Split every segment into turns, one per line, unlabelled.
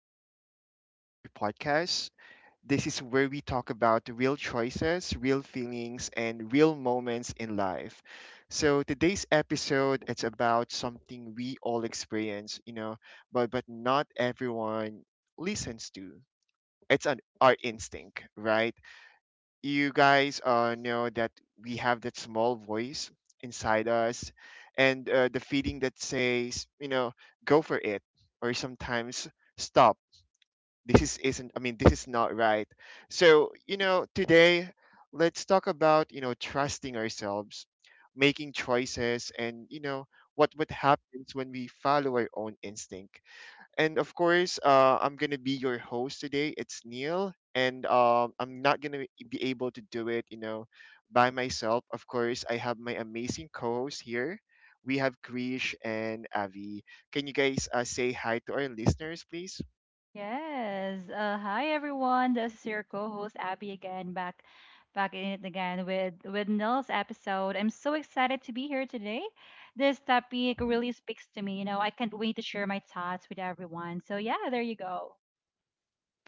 back to Life in an Hour podcast. This is where we talk about real choices, real feelings, and real moments in life. So today's episode it's about something we all experience, but not everyone listens to. It's an our instinct, right? You guys know that we have that small voice inside us, and the feeling that says, go for it, or sometimes stop. This is isn't i mean this is not right. So, today let's talk about, trusting ourselves, making choices, and, what happens when we follow our own instinct. And of course, I'm gonna be your host today. It's Neil, and I'm not gonna be able to do it, by myself. Of course, I have my amazing co-host here. We have Krish and Avi. Can you guys say hi to our listeners, please?
Yes. Hi everyone. This is your co-host Abby again, back in it again with Nils episode. I'm so excited to be here today. This topic really speaks to me. You know, I can't wait to share my thoughts with everyone. So yeah, there you go.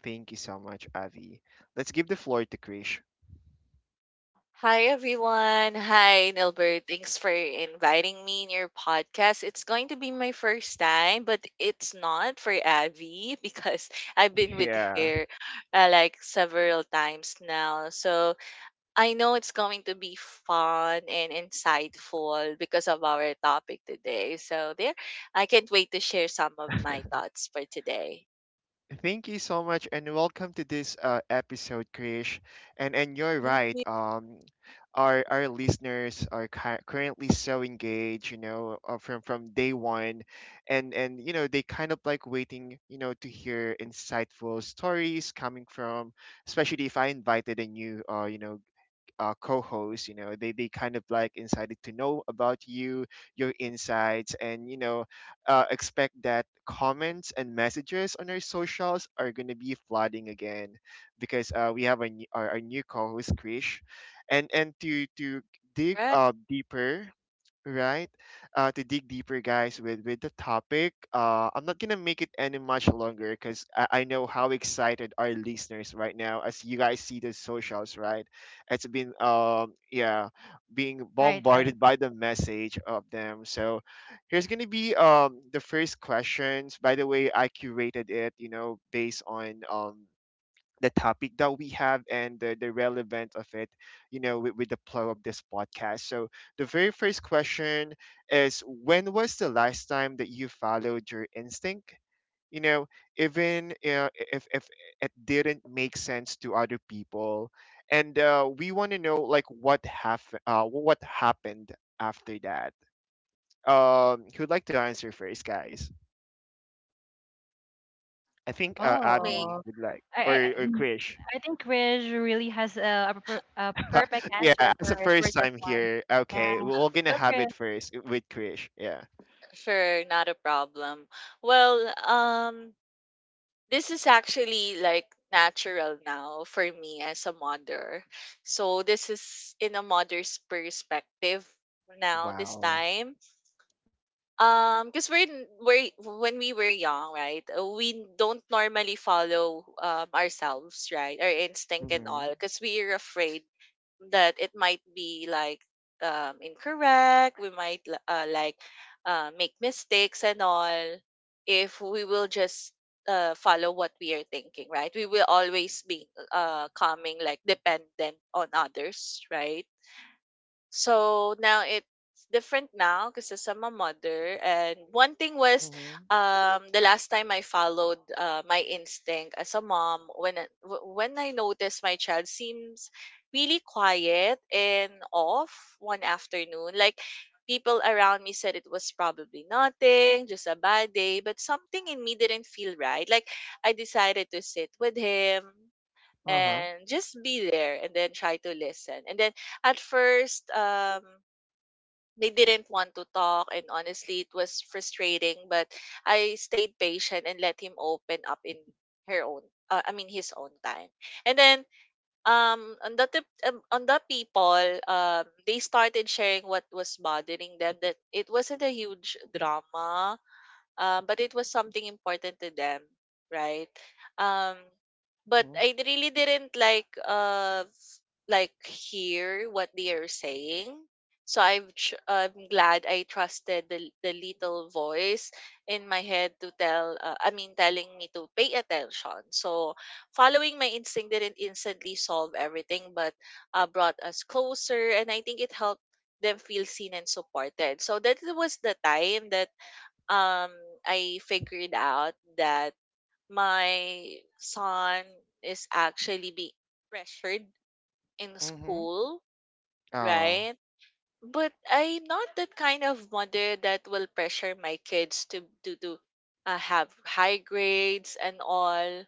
Thank you so much, Avi. Let's give the floor to Krish.
Hi everyone. Hi Nilbert. Thanks for inviting me in your podcast. It's going to be my first time, but it's not for Avi because I've been with
Yeah.
her like several times now. So I know it's going to be fun and insightful because of our topic today. So there, I can't wait to share some of my thoughts for today.
Thank you so much, and welcome to this episode, Krish. And you're
Thank
right.
you.
Our listeners are currently so engaged, you know, from day one, and you know they kind of like waiting, you know, to hear insightful stories coming from, especially if I invited a new, co-hosts. You know they kind of like incited to know about you, your insights, and expect that comments and messages on our socials are going to be flooding again because we have a new, our new co-host Krish. And to dig
Right.
deeper, right? To dig deeper, guys, with the topic. I'm not gonna make it any much longer because I know how excited our listeners right now as you guys see the socials, right? It's been yeah, being
Right, right.
bombarded by the message of them. So here's gonna be the first questions. By the way, I curated it, you know, based on the topic that we have and the relevance of it, you know, with, the flow of this podcast. So the very first question is, when was the last time that you followed your instinct? You know, even if it didn't make sense to other people. And we want to know like what happened after that. Who'd like to answer first, guys? I think
May,
Abby
Oh,
would like,
I I, I
or
mm,
Krish.
I think Krish really has a perfect answer
Yeah, as a
for
first
this
time
one.
here,
Yeah.
okay,
uh,
we're gonna
Oh,
have
Krish.
it first with Krish. Yeah.
sure, not a problem. Well, this is actually like natural now for me as a mother. So this is in a mother's perspective now this
Wow.
time. Because we're, n- we're when we were young, right? We don't normally follow ourselves, right? Our instinct and
Mm-hmm.
all because we are afraid that it might be like incorrect, we might like make mistakes and all. If we will just follow what we are thinking, right, we will always be coming like dependent on others, right? So now it's different now because I'm a mother. And one thing was,
Mm-hmm.
the last time I followed my instinct as a mom, when when I noticed my child seems really quiet and off one afternoon, like. People around me said it was probably nothing, just a bad day, but something in me didn't feel right. Like I decided to sit with him,
Uh-huh.
and just be there and then try to listen. And then at first, they didn't want to talk, and honestly, it was frustrating. But I stayed patient and let him open up in her own, I mean, his own time. And then on the people, they started sharing what was bothering them. That it wasn't a huge drama, but it was something important to them, right? Um,
Mm-hmm.
really didn't like like hear what they are saying. So I'm glad I trusted the little voice in my head to tell. Telling me to pay attention. So following my instinct didn't instantly solve everything, but brought us closer, and I think it helped them feel seen and supported. So that was the time that um I figured out that my son is actually being pressured in
Mm-hmm.
school,
Oh.
right? But I'm not that kind of mother that will pressure my kids to have high grades and all.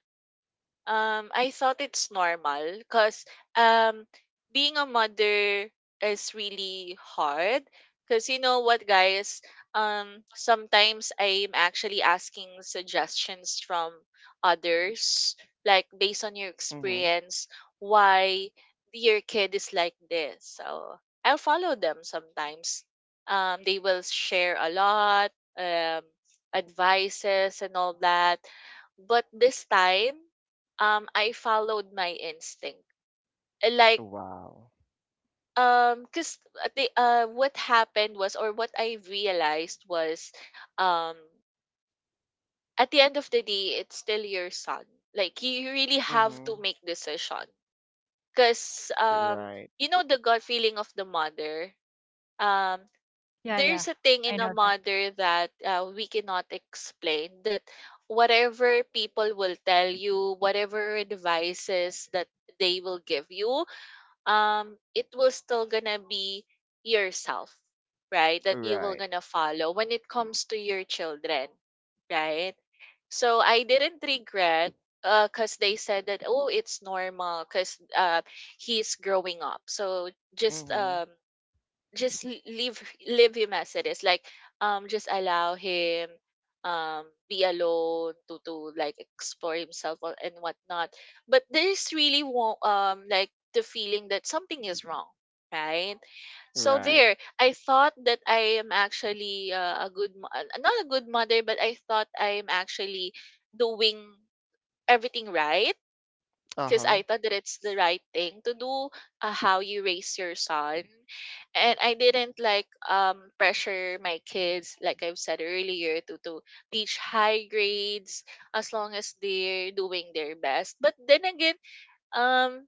I thought it's normal because, um, being a mother is really hard. Because you know what, guys? Sometimes I'm actually asking suggestions from others, like, based on your
Mm-hmm.
experience, why your kid is like this. So I'll follow them sometimes. They will share a lot, um, advices and all that. But this time, I followed my instinct. Like,
Wow.
cuz the what happened was, or what I realized was, um at the end of the day, it's still your son. Like, you really have
Mm-hmm.
to make decision, cuz,
Right.
you know, the gut feeling of the mother. Um
Yeah, yeah.
there's a thing
I
in a
know that.
mother that, we cannot explain, that whatever people will tell you, whatever advices that they will give you, it will still gonna be yourself, right, that you will
Right.
gonna follow when it comes to your children, right? So I didn't regret, because they said that, oh, it's normal because, he's growing up, so just,
Mm-hmm.
leave, leave him as it is. Like, just allow him, be alone to like explore himself, or- and whatnot. But there's really will, like the feeling that something is wrong, right? So
Right.
there I thought that I am actually, not a good mother, but I thought I am actually doing everything right, because
Uh-huh.
I thought that it's the right thing to do, how you raise your son. And I didn't like pressure my kids, like I've said earlier, to teach high grades, as long as they're doing their best. But then again, um,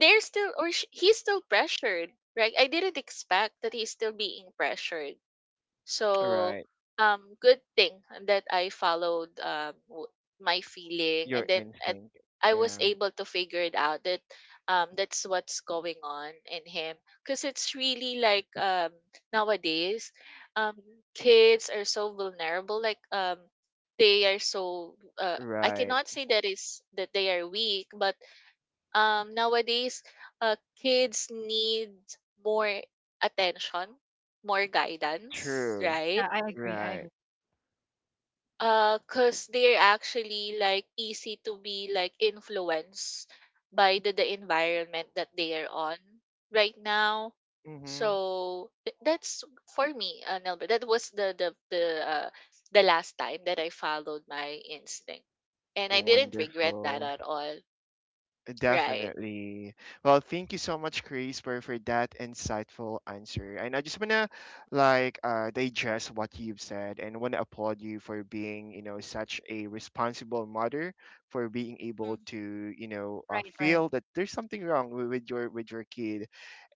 they're still, or he's still pressured, right? I didn't expect that he's still being pressured, so,
Right.
good thing that I followed, my feeling,
Your
and then, and
instinct.
I was
Yeah.
able to figure it out that, that's what's going on in him. Because it's really like, nowadays, um, kids are so vulnerable. Like, they are so. I
Right.
cannot say that is that they are weak, but, nowadays, kids need more attention, more guidance,
True.
right?
Yeah, I agree. I
Right.
agree.
Cause they're actually like easy to be like influenced by the environment that they are on right now.
Mm-hmm.
So that's for me, Nelbert. That was the last time that I followed my instinct, and I didn't regret that
Wonderful.
at all. Right.
Definitely. Well, thank you so much, Chris, for, that insightful answer. And I just wanna like digest what you've said and wanna applaud you for being, you know, such a responsible mother for being able
Mm,
to, you know,
Right, right.
feel that there's something wrong with your kid.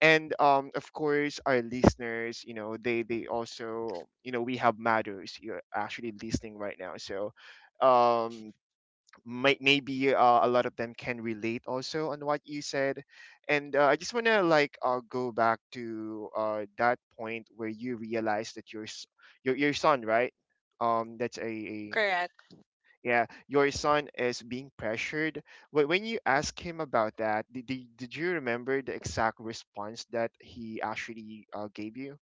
And of course, our listeners, you know, they also, you know, we have mothers you're actually listening right now. So, um may, maybe a lot of them can relate also on what you said. And I just want to like go back to that point where you realize that your your son, right? That's a
correct.
yeah, your son is being pressured. When you ask him about that, did, did you remember the exact response that he actually gave you?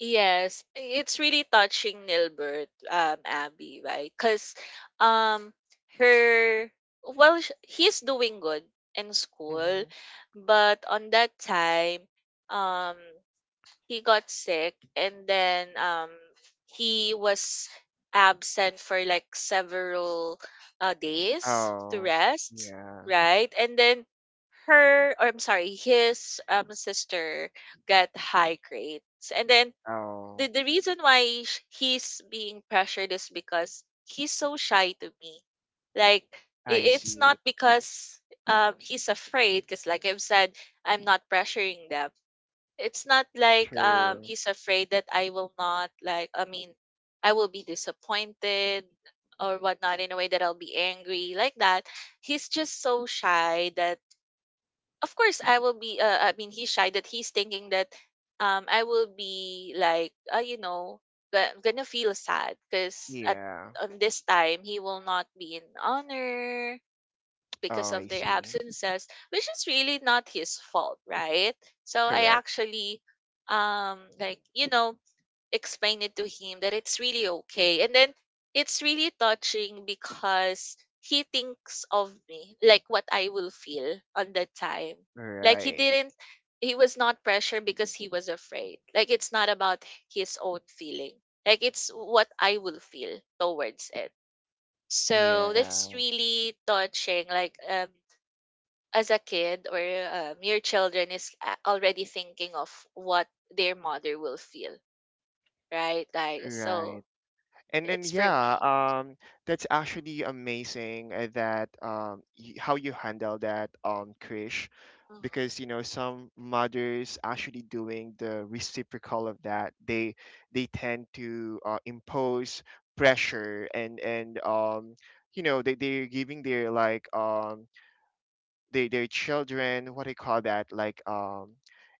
Yes, it's really touching, Nilbert, Abby, right? Because, um, her, he's doing good in school,
Mm-hmm.
but on that time, um, he got sick, and then, he was absent for like several days to
Oh.
rest,
Yeah.
right? And then her, or I'm sorry, his sister got high grades, and then
Oh,
the reason why he's being pressured is because he's so shy to me. Like,
I
it's
see.
not because he's afraid, because, like I've said, I'm not pressuring them. It's not like
True.
he's afraid that I will not, I will be disappointed or whatnot, in a way that I'll be angry, like that. He's just so shy that, of course I will be, he's shy that he's thinking that, I will be like, you know, gonna feel sad because at
Yeah.
on this time he will not be in honor
Oh,
because
I
of their
see.
absences, which is really not his fault, right? So I
Correct.
actually, like, you know, explain it to him that it's really okay. And then it's really touching because he thinks of me, like what I will feel on that time. Like he
Right.
didn't, he was not pressured because he was afraid. Like, it's not about his own feeling, like, it's what I will feel towards it. So that's
Yeah.
really touching. Like, as a kid, or, your children is already thinking of what their mother will feel, right, guys?
Right.
So
And then
it's for
yeah,
me.
that's actually amazing that how you handle that Krish, because you
Mhm.
know some mothers actually doing the reciprocal of that. They tend to impose pressure and you know they they're giving their like their children what do you call that, like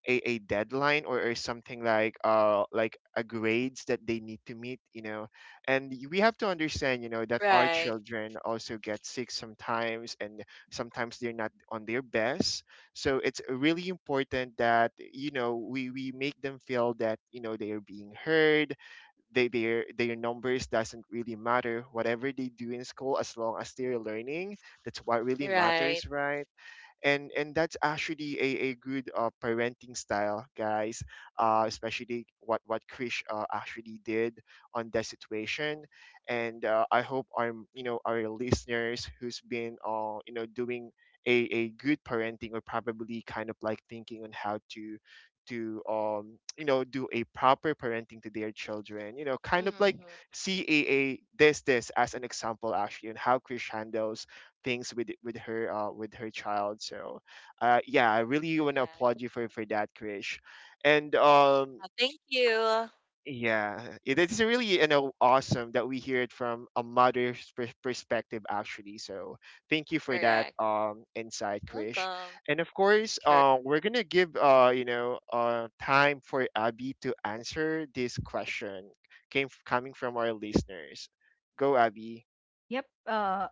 a deadline or something like a grades that they need to meet, you know. And we have to understand, you know, that our
Right.
children also get sick sometimes, and sometimes they're not on their best. So it's really important that, you know, we make them feel that, you know, they are being heard, they their numbers doesn't really matter, whatever they do in school, as long as they're learning, that's what really
Right.
matters, right? And that's actually a good parenting style, guys, especially what Krish actually did on that situation. And I hope our, you know, our listeners who's been you know doing a good parenting, or probably kind of like thinking on how to you know do a proper parenting to their children, you know, kind of
Mhm.
like see this this as an example, actually, and how Krish handles things with her with her child. So, yeah, I really want to
Correct.
applaud you for that, Krish. And
Thank you.
yeah, it is really, you know, awesome that we hear it from a mother's perspective, actually. So, thank you for that
Correct.
insight, Krish.
Welcome.
And of course,
Sure.
we're gonna give you know time for Abby to answer this question, came coming from our listeners. Go, Abby.
Yep.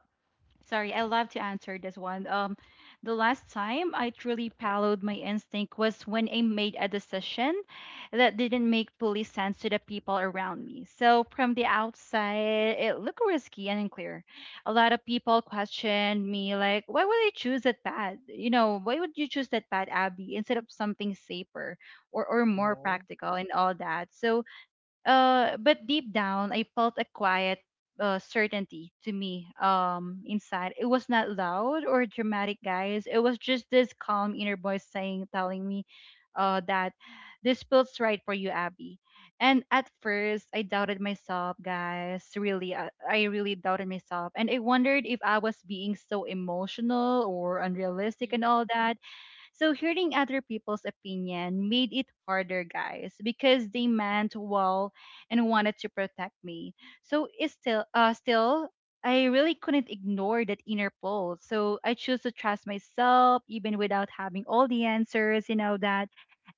Sorry, I love to answer this one. The last time I truly followed my instinct was when I made a decision that didn't make fully sense to the people around me. So from the outside, it looked risky and unclear. A lot of people questioned me, like, "Why would I choose that path? You know, why would you choose that path, Abby, instead of something safer or more
Hmm.
practical and all that?" So but deep down, I felt a quiet certainty to me inside. It was not loud or dramatic, guys. It was just this calm inner voice saying, telling me that this feels right for you, Abby. And at first, I doubted myself, guys. Really, I really doubted myself. And I wondered if I was being so emotional or unrealistic and
Mhm.
all that, so hearing other people's opinion made it harder, guys, because they meant well and wanted to protect me. So it's still I really couldn't ignore that inner pulse. So I chose to trust myself even without having all the answers, you know that.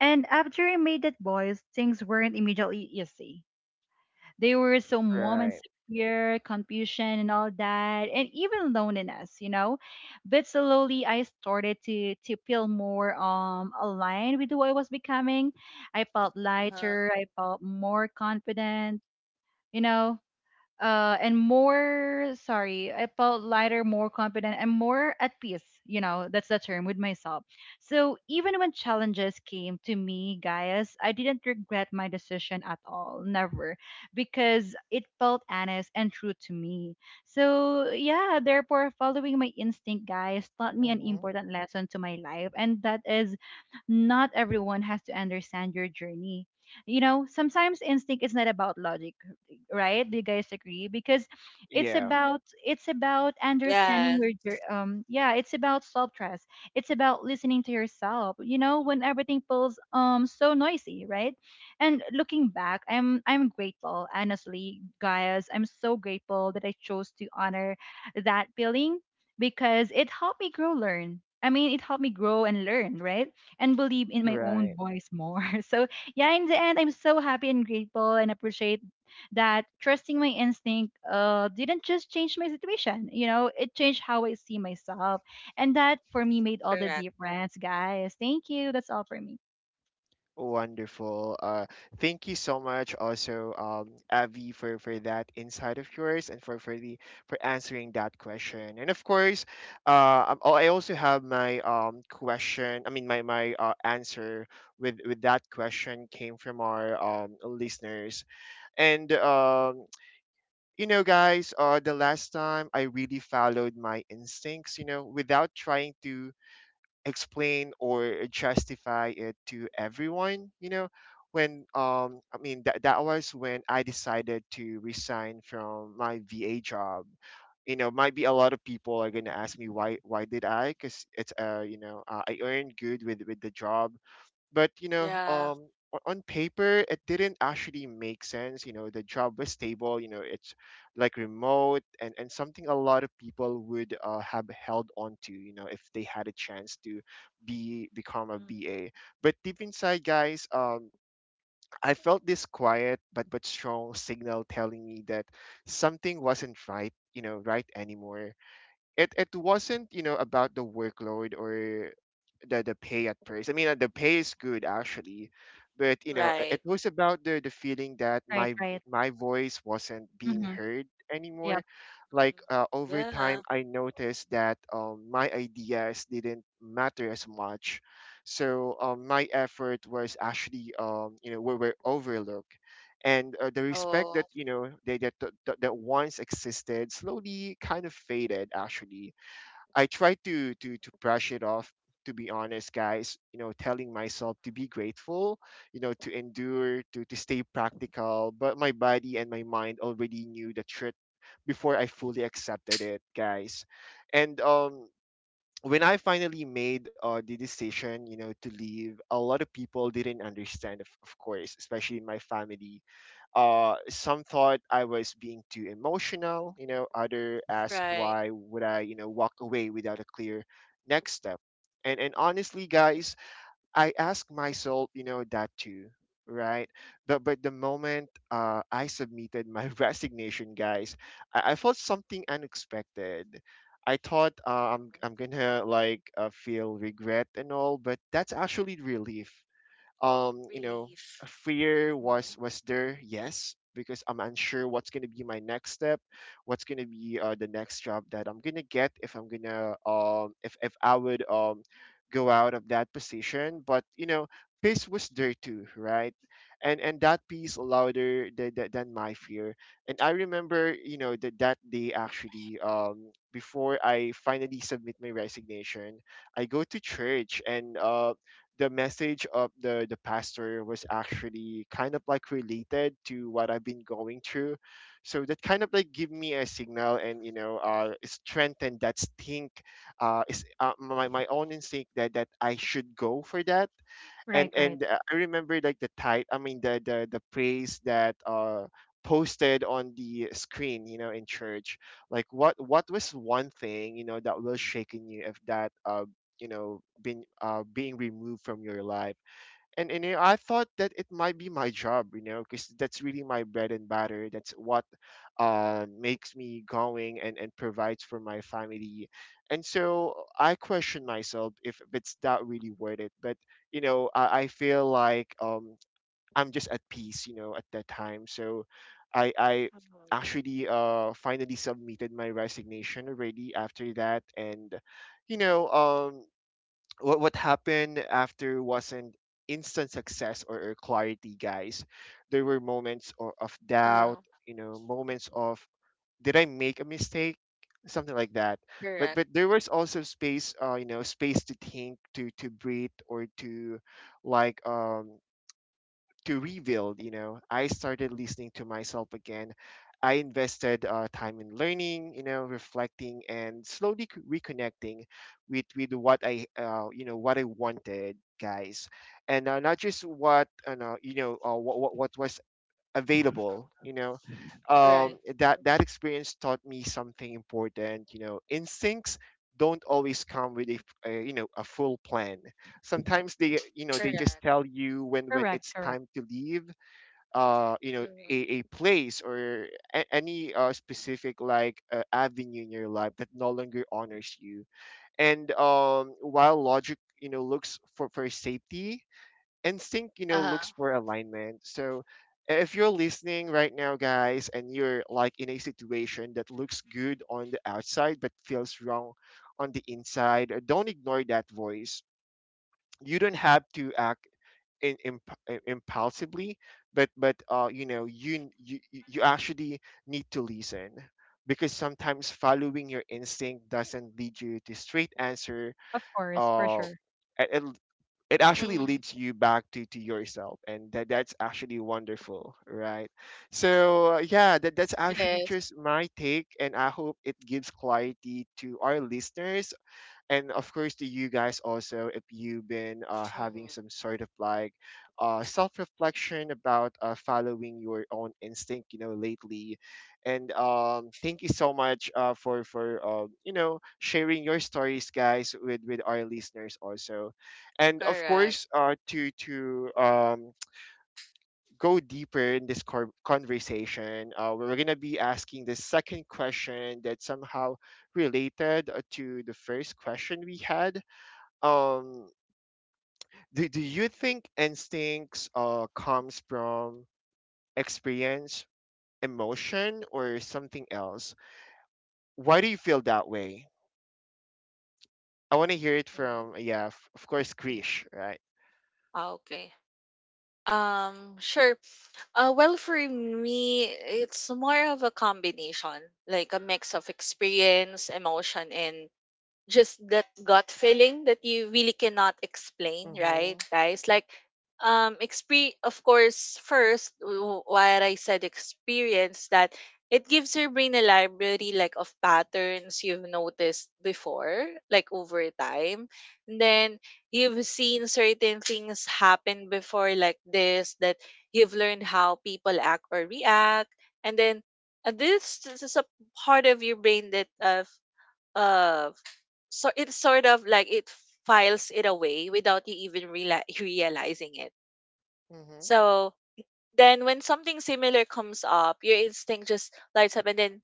And after I made that voice, things weren't immediately easy, there were some moments of
Right.
fear, confusion, and all that, and even loneliness, you know. But slowly, I started to feel more aligned with who I was becoming. I felt
Uh-huh.
lighter. I felt more confident. You know, and more sorry I felt lighter, more confident, and more at peace, you know, that's the term, with myself. So even when challenges came to me, guys, I didn't regret my decision at all, never, because it felt honest and true to me. So yeah, therefore following my instinct, guys, taught me an
Hmm.
important lesson to my life, and that is, not everyone has to understand your journey. You know, sometimes instinct is not about logic, right? Do you guys agree? Because
Yeah.
it's about understanding
Yes.
your yeah, it's about self trust. It's about listening to yourself. You know, when everything feels so noisy, right? And looking back, I'm grateful, honestly, guys. I'm so grateful that I chose to honor that feeling because it helped me grow, learn. I mean, it helped me grow and learn, right? And believe in my own
Right.
voice more. So yeah, in the end, I'm so happy and grateful and appreciate that trusting my instinct didn't just change my situation, you know, it changed how I see myself. And that for me made all the
Correct.
difference, guys. Thank you. That's all for me.
Wonderful. Thank you so much also, Avi, for, that insight of yours and for the for answering that question. And of course, oh, I also have my question. I mean, my answer with that question came from our listeners. And you know, guys, the last time I really followed my instincts, you know, without trying to explain or justify it to everyone, you know, when I mean that was when I decided to resign from my VA job. You know, might be a lot of people are going to ask me why, did I, because it's, I earned good with the job. But you know,
Yeah.
on paper it didn't actually make sense. You know, the job was stable, you know, it's like remote and something a lot of people would have held on to, you know, if they had a chance to be become a
Mhm.
ba but deep inside, guys, I felt this quiet but strong signal telling me that something wasn't right, you know, right anymore. It wasn't, you know, about the workload or the pay at first. I mean, the pay is good actually, but you know,
Right.
it was about the feeling that
Right,
my
right.
my voice wasn't being
Mm-hmm.
heard anymore.
Yep.
Like
Mhm.
over time,
Yeah.
I noticed that my ideas didn't matter as much, so my effort was actually were overlooked. And the respect
Oh.
that you know they, that once existed slowly kind of faded, actually. I try to brush it off, to be honest, guys, you know, telling myself to be grateful, you know, to endure, to stay practical, but my body and my mind already knew the truth before I fully accepted it, guys. And when I finally made the decision, you know, to leave, a lot of people didn't understand, of course, especially in my family. Some thought I was being too emotional, you know, other asked
Right.
why would I, you know, walk away without a clear next step. And honestly, guys, I ask myself, you know, that too, right? But the moment I submitted my resignation, guys, I felt something unexpected. I thought I'm
Mhm.
I'm gonna like feel regret and all, but that's actually relief. um you know
Relief.
Fear was
Mhm.
was there, yes, because I'm unsure what's going to be my next step, what's going to be the next job that I'm going to get, if I'm going to if I would go out of that position. But you know, peace was there too, right? And that peace louder than, than my fear. And I remember, you know, that day actually, before I finally submit my resignation, I go to church. And the message of the pastor was actually kind of like related to what I've been going through, so that kind of like give me a signal, and you know, strengthen that stink, is my my own instinct that I should go for that.
Right, right.
And I remember like the tight, I mean the praise that posted on the screen, you know, in church. Like what was one thing, you know, that will shaken you if that you know been being removed from your life. And you know, I thought that it might be my job, you know, because that's really my bread and butter. That's what makes me going and provides for my family. And so I question myself if it's that really worth it. But you know, I feel like I'm just at peace, you know, at that time. So I
Mhm.
actually finally submitted my resignation already after that. And you know um what happened after wasn't instant success or clarity, guys. There were moments of
Uh,
doubt, you know, moments of, did I make a mistake, something like that. but
Correct.
but there was also space, space to think, to breathe, or to like, to rebuild. You know, I started listening to myself again. I invested time in learning, you know, reflecting, and slowly reconnecting with what I you know, what I wanted, guys. And not just what no, you know what was available, you know.
Right.
That
Mhm.
that experience taught me something important, you know. Instincts don't always come with a, a, you know, a full plan. Sometimes they, you know, they
Correct.
just tell you when
Correct,
it's
correct.
time to leave
Mhm.
a place, or any specific like avenue in your life that no longer honors you. And while logic, you know, looks for safety, instinct, you know, looks
Uh-huh.
for alignment. So if you're listening right now, guys, and you're like in a situation that looks good on the outside but feels wrong on the inside, don't ignore that voice. You don't have to act impulsively, but you know you, you actually need to listen. Because sometimes following your instinct doesn't lead you to straight answer.
Of course, for
uh
sure.
it it actually
Mm,
leads you back to yourself, and that's actually wonderful, right? So yeah, that's
it
actually
is.
just my take, and I hope it gives clarity to our listeners, and of course to you guys also, if you've been having
Mhm.
some sort of like self-reflection about following your own instinct, you know, lately. And thank you so much for you know, sharing your stories, guys, with our listeners also. And of
Correct.
course, to go deeper in this conversation, we're going to be asking the second question that somehow related to the first question we had. um do you think instincts comes from experience, emotion, or something else? Why do you feel that way? I want to hear it
Mhm.
from, yeah, of course, Krish, right?
Ah, okay. Sure. Well, for me, it's more of a combination, like a mix of experience, emotion, and just that gut feeling that you really cannot explain,
Mm-hmm,
right, guys? Like, exp. Of course, first, what I said, experience, that it gives your brain a library like of patterns you've noticed before, like over time. And then, you've seen certain things happen before, like this, that you've learned how people act or react. And then, this is a part of your brain that, uh so it's sort of like it files it away without you even realizing it.
mm-hmm.
So then when something similar comes up, your instinct just lights up, and then,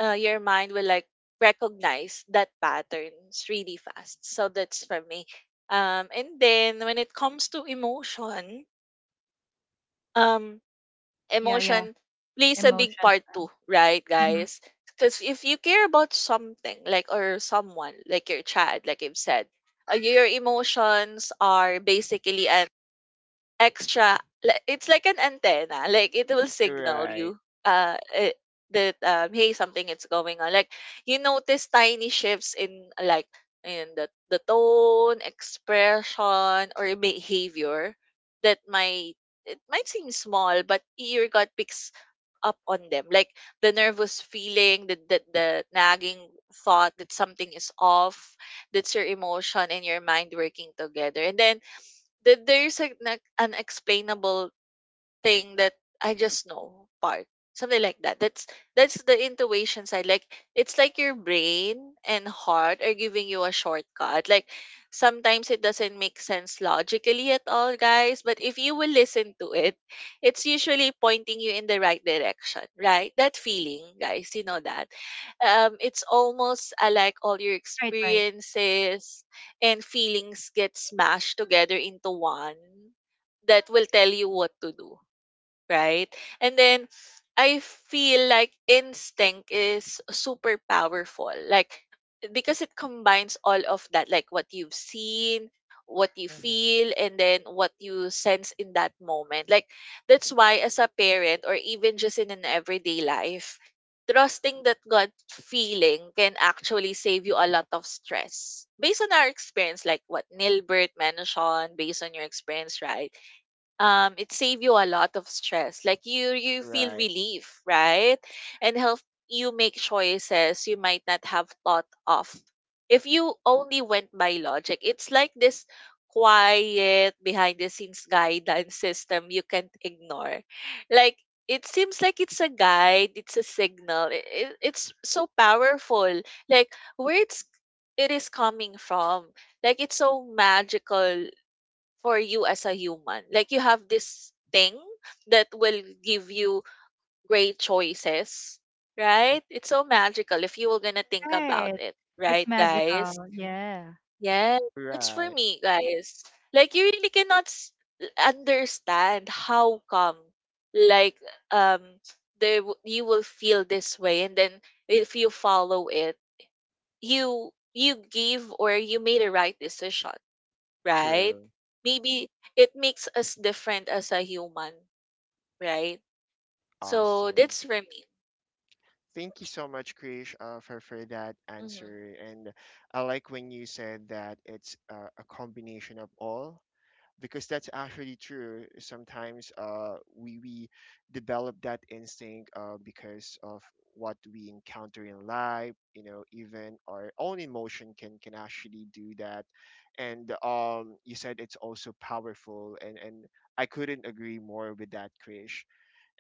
your mind will like recognize that patterns really fast. So that's for me. And then when it comes to emotion, um,
Yeah, yeah.
emotion plays a big
Emotions.
part too, right,
Mm-hmm.
guys? Because if you care about something, like, or someone, like your child, like I've said, your emotions are basically an extra, it's like an antenna, like it will signal
Right.
you, uh eh, that, hey, something is going on. Like, you notice tiny shifts in, like, in the tone, expression, or behavior, that might, it might seem small, but your gut picks up on them. Like the nervous feeling, the nagging thought that something is off. That's your emotion and your mind working together. And then, that there's a, like an unexplainable thing that, I just know part. Something like that. That's the intuition side. Like, it's like your brain and heart are giving you a shortcut. Like, sometimes it doesn't make sense logically at all, guys. But if you will listen to it, it's usually pointing you in the right direction, right? That feeling, guys, you know that. It's almost, like all your
Right, right.
experiences and feelings get smashed together into one that will tell you what to do, right? And then, I feel like instinct is super powerful. Like, because it combines all of that, like what you've seen, what you
Hmm.
feel, and then what you sense in that moment. Like, that's why as a parent, or even just in an everyday life, trusting that gut feeling can actually save you a lot of stress. Based on our experience, like what Nilbert mentioned, based on your experience, right? It save you a lot of stress. Like you feel
Right.
relief, right, and help you make choices you might not have thought of if you only went by logic. It's like this quiet behind the scenes guidance system you can't ignore. Like it seems like it's a guide, it's a signal, it's so powerful. Like where it is coming from. Like it's so magical for you as a human. Like you have this thing that will give you great choices, right? It's so magical if you were gonna think about
Right.
it,
It's
right, guys?
magical. Yeah.
Yeah, it's for
Right.
me, guys. Like you really cannot understand how come, like um, you will feel this way, and then if you follow it, you give or you made a right decision, right?
True.
Maybe it makes us different as a human, right? So
Awesome.
that's for me.
Thank you so much, Krish, for that
Hmm.
answer. And I like when you said that it's a combination of all, because that's actually true. Sometimes we develop that instinct because of what we encounter in life, you know, even our own emotion can actually do that. And you said it's also powerful, and I couldn't agree more with that, Krish.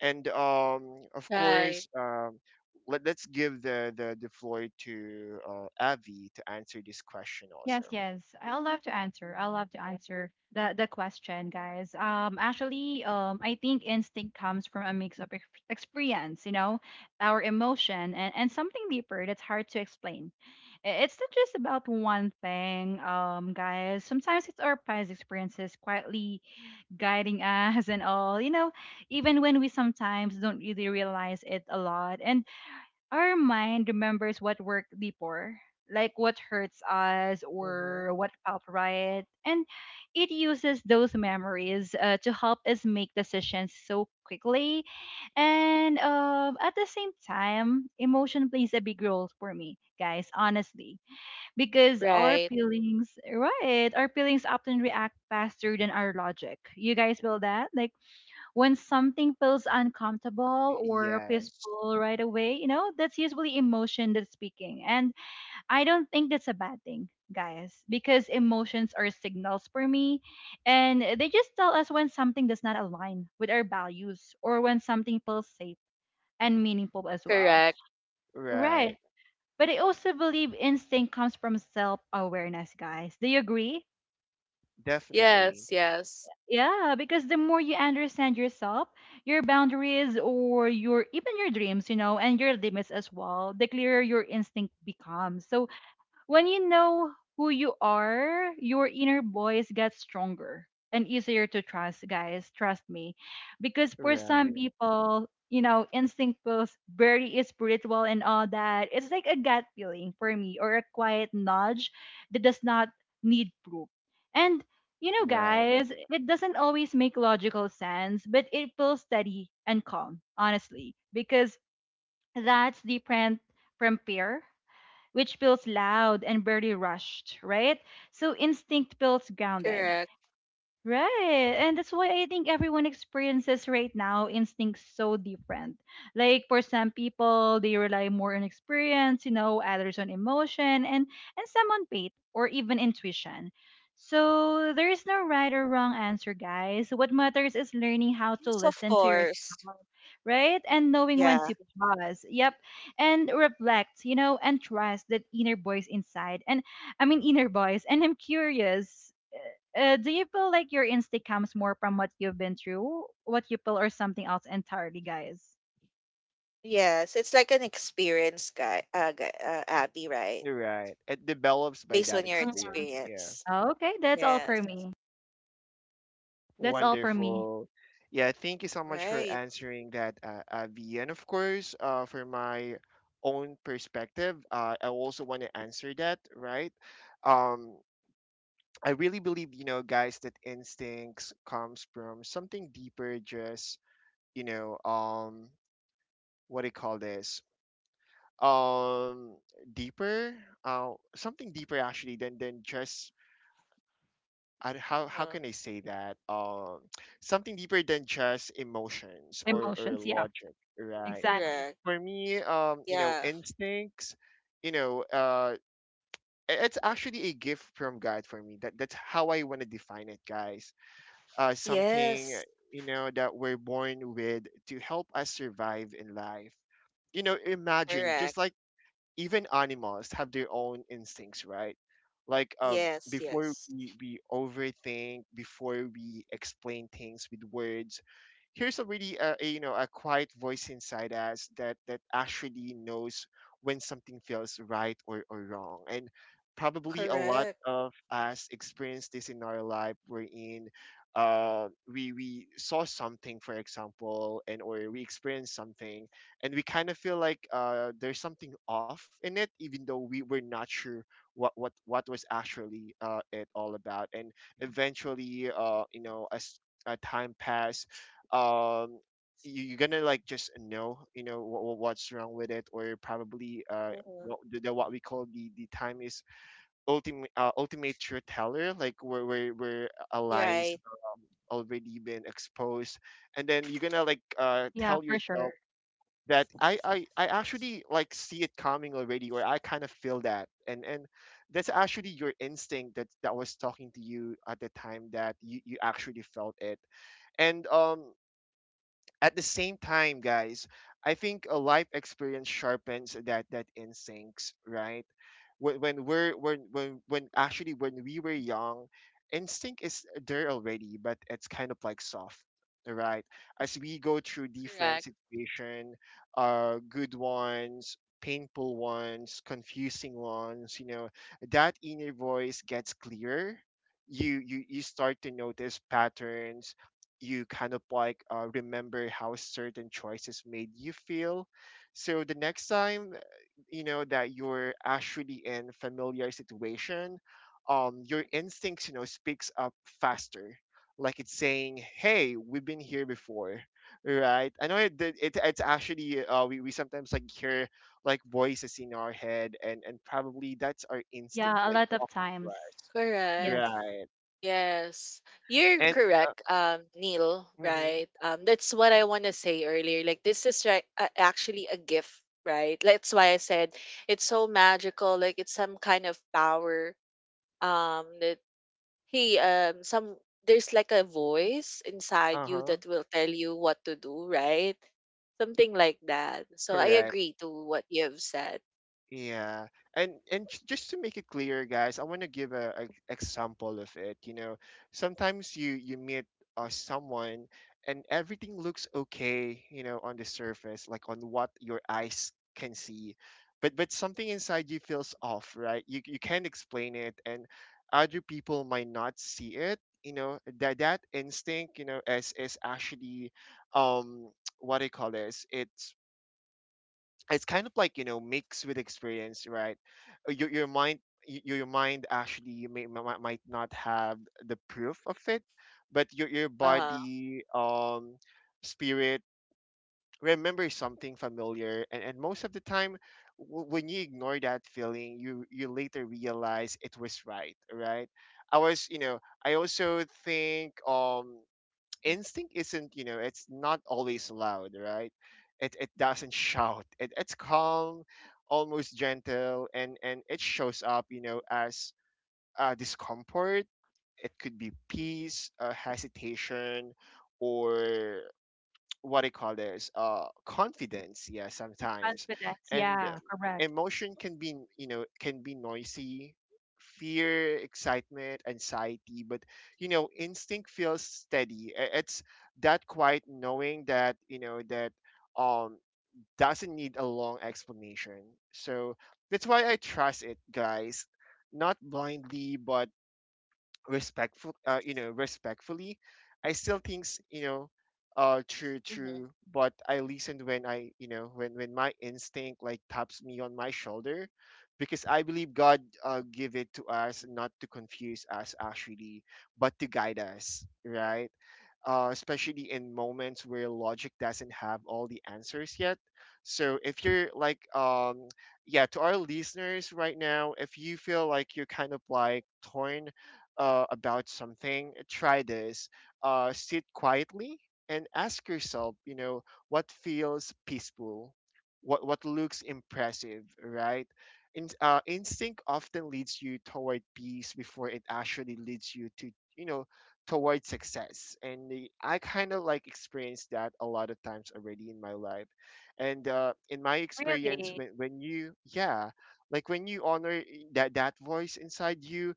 And of
Right,
course, let's give the floor to Avi to answer this question also.
Yes, yes. I'll love to answer. I'll love to answer the question, guys. I think instinct comes from a mix of experience, you know, our emotion and something deeper that's hard to explain. It's not just about one thing, guys. Sometimes it's our past experiences quietly guiding us and all, you know, even when we sometimes don't really realize it a lot. And our mind remembers what worked before, like what hurts us
Mm-hmm.
or what felt right, and it uses those memories to help us make decisions so quickly. And at the same time, emotion plays a big role for me, guys, honestly, because our
right.
feelings, right, our feelings often react faster than our logic. You guys feel that? Like, when something feels uncomfortable or
Yes,
peaceful right away, you know, that's usually emotion that's speaking. And I don't think that's a bad thing, guys, because emotions are signals for me. And they just tell us when something does not align with our values or when something feels safe and meaningful as well.
Correct.
Right.
right,
But I also believe instinct comes from self awareness, guys. Do you agree?
definitely,
Yes, yes.
Yeah, because the more you understand yourself, your boundaries or your even your dreams, you know, and your limits as well, the clearer your instinct becomes. So when you know who you are, your inner voice gets stronger and easier to trust, guys. Trust me. Because for some
right,
people, you know, instinct feels very spiritual and all that. It's like a gut feeling for me or a quiet nudge that does not need proof. And, you know,
right,
guys, it doesn't always make logical sense, but it feels steady and calm, honestly, because that's different from fear, which feels loud and barely rushed, right? So instinct feels grounded.
Correct.
Right. And that's why I think everyone experiences right now instincts so different. Like for some people, they rely more on experience, you know, others on emotion and some on faith or even intuition. So there is no right or wrong answer, guys. What matters is learning how to
Yes, of
listen to
course.
yourself, right? And knowing when
Yeah.
to pause. Yep. And reflect, you know, and trust that inner voice inside. And I mean inner voice. And I'm curious. Do you feel like your instinct comes more from what you've been through, what you feel, or something else entirely, guys?
Yes, it's like an experience, guy. Gu- Abby, right?
right. It develops by
Based
that
on your
experience.
Mhm.
Yeah,
experience.
Okay, that's all for
Yes.
me. That's all for me.
wonderful. Yeah, thank you so much for
Right.
answering that, Avi. And of course, for my own perspective, I also want to answer that, right? Um, I really believe, you know, guys, that instincts comes from something deeper, just you know, what do you call this? Um, deeper, something deeper actually than just I, how
Uh-huh.
can I say that? Something deeper than just emotions or
Emotions. Yeah,
logic, right?
exactly.
Correct.
For me, you know,
Yeah.
instincts, you know, it's actually a gift from God for me. That's how I want to define it, guys. Something,
Yes.
you know, that we're born with to help us survive in life. You know, imagine, just
Correct.
like, even animals have their own instincts, right? Like,
Yes.
before
Yes.
we overthink, before we explain things with words, here's a really a, you know, a quiet voice inside us that that actually knows when something feels right or wrong. And probably a lot
Correct.
of us experience this in our life. We in, uh, we we saw something, for example, and or we experienced something, and we kind of feel like there's something off in it, even though we were not sure what was actually it all about. And eventually, you know, as time passed, um you, you're gonna like just know, you know, what, what's wrong with it. Or probably
Uh-huh.
what the, what we call the time is ultimate ultimate truth teller, like where where a lies
Right.
already been exposed. And then you're gonna like
Yeah,
tell
for
yourself
sure.
that I actually like see it coming already, or I kind of feel that. And that's actually your instinct that that was talking to you at the time that you actually felt it. And at the same time, guys, I think a life experience sharpens that instincts, right? When we're when actually when we were young, instinct is there already, but it's kind of like soft, right? As we go through different
Correct.
situation, good ones, painful ones, confusing ones, you know, that inner voice gets clearer. You start to notice patterns. You kind of like remember how certain choices made you feel. So the next time, you know, that you're actually in familiar situation, your instincts, you know, speaks up faster, like it's saying, "Hey, we've been here before." Right? I know it, it's actually, we sometimes like hear like voices in our head, and probably that's our instinct
Yeah, a
like
lot of
talking to
times.
us.
Yes,
Correct.
Right.
Yes, you're
And
correct, Neil,
mhm,
right? That's what I want to say earlier. Like, this is right, actually a gift, right? That's why I said it's so magical. Like, it's some kind of power. That hey, some There's like a voice inside you
uh-huh.
that will tell you what to do, right? Something like that. So I
Correct.
agree to what you have said.
Yeah, and just to make it clear, guys, I want to give a example of it. You know, sometimes you meet someone, and everything looks okay, you know, on the surface, like on what your eyes can see, but something inside you feels off, right? You can't explain it, and other people might not see it. You know that that instinct, you know, is actually um what I call this? It's kind of like, you know, mixed with experience, right? Your mind, your mind actually you might not have the proof of it, but your
Uh,
body, spirit remembers something familiar. And most of the time, when you ignore that feeling, you later realize it was right, right? i was you know I also think, instinct isn't, you know, it's not always loud, right? It doesn't shout. It, it's calm, almost gentle, and it shows up, you know, as discomfort. It could be peace, hesitation, or what I call this, confidence, yeah, sometimes.
confidence.
And
Yeah, correct.
emotion can be, you know, can be noisy: fear, excitement, anxiety. But you know, instinct feels steady. It's that quiet knowing that, you know, that um doesn't need a long explanation. So that's why I trust it, guys. Not blindly, but respectful, you know, respectfully. I still thinks, you know, true,
mhm, mhm.
true, but I listened when I, you know, when my instinct like taps me on my shoulder, because I believe God give it to us not to confuse us actually, but to guide us, right? Especially in moments where logic doesn't have all the answers yet. So if you're like, yeah, to our listeners right now, if you feel like you're kind of like torn about something, try this. Sit quietly and ask yourself, you know, what feels peaceful, what looks impressive, right? In, instinct often leads you toward peace before it actually leads you to, you know, towards success. And the- I kind of like experienced that a lot of times already in my life. And in my experience,
Really?
when you, yeah, like when you honor that, that voice inside you,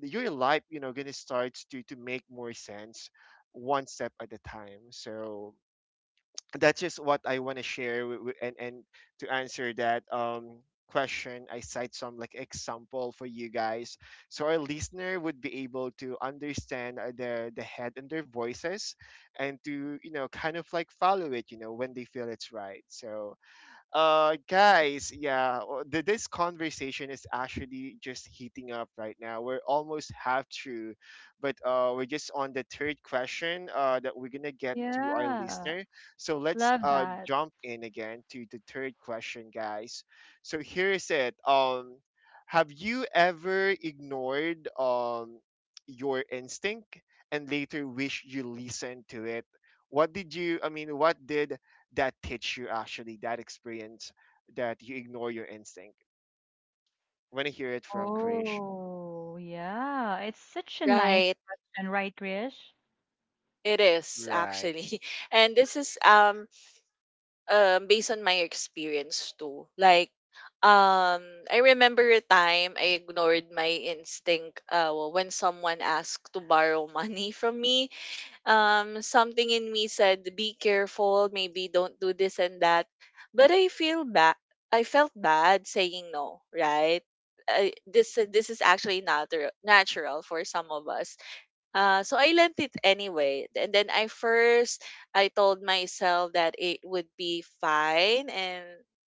your life, you know, gonna starts to make more sense one step at a time. So that's just what I want to share and to answer that question. I cite some like example for you guys so our listener would be able to understand the head and their voices and to you know kind of like follow it, you know, when they feel it's right. So guys, yeah, this conversation is actually just heating up right now. We're almost half through, but we're just on the third question that we're gonna get to our
Yeah,
listener. So let's
love that.
jump in again to the third question, guys. So here is it. Have you ever ignored your instinct and later wish you listened to it? What did you? I mean, what did that teach you actually, that experience that you ignore your instinct? When I hear it from Krish,
Oh, yeah. It's such a nice
Right.
question, right, Krish?
It is
right,
actually. And this is based on my experience too. Like um I remember a time I ignored my instinct well, when someone asked to borrow money from me. Something in me said be careful, maybe don't do this and that. But I felt bad saying no, right? This this is actually natural for some of us, so I lent it anyway. And then I first, I told myself that it would be fine and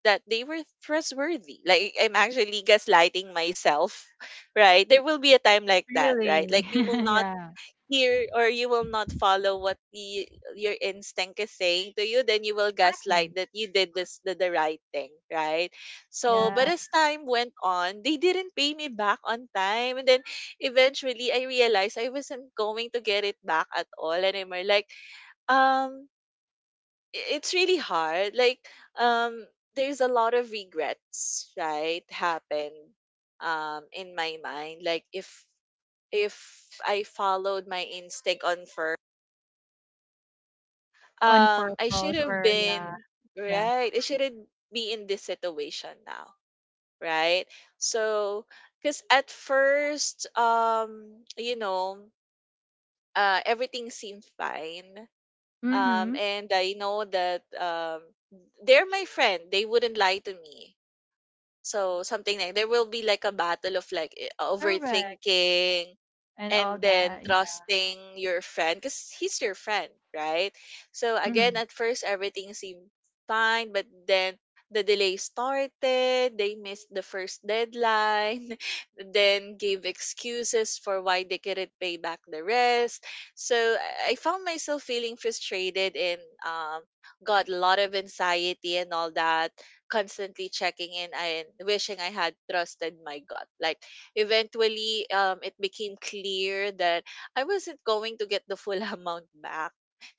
that they were trustworthy. Like I'm actually gaslighting myself, right? There will be a time like that, right?
Really?
Like you will not
Yeah,
hear or you will not follow what your instinct is saying to you, then you will
exactly.
gaslight that you did the right thing, right? So, but
Yeah.
as time went on, they didn't pay me back on time, and then eventually I realized I wasn't going to get it back at all anymore. Like, um, I- it's really hard. Like, um, there's a lot of regrets, right? Happen in my mind. Like, if I followed my instinct on
On
I should
purpose
have
or yeah.
been
Yeah.
right. I shouldn't be in this situation now, right? So, because at first, you know, everything seemed fine.
Mm-hmm.
And I know that they're my friend. They wouldn't lie to me, so something like there will be like a battle of like
Correct.
overthinking
And all
and then
that, yeah.
trusting your friend because he's your friend, right? So again,
Hmm.
at first everything seemed fine, but then the delay started, they missed the first deadline, then gave excuses for why they couldn't pay back the rest. So I found myself feeling frustrated and got a lot of anxiety and all that, constantly checking in and wishing I had trusted my gut. Like eventually it became clear that I wasn't going to get the full amount back.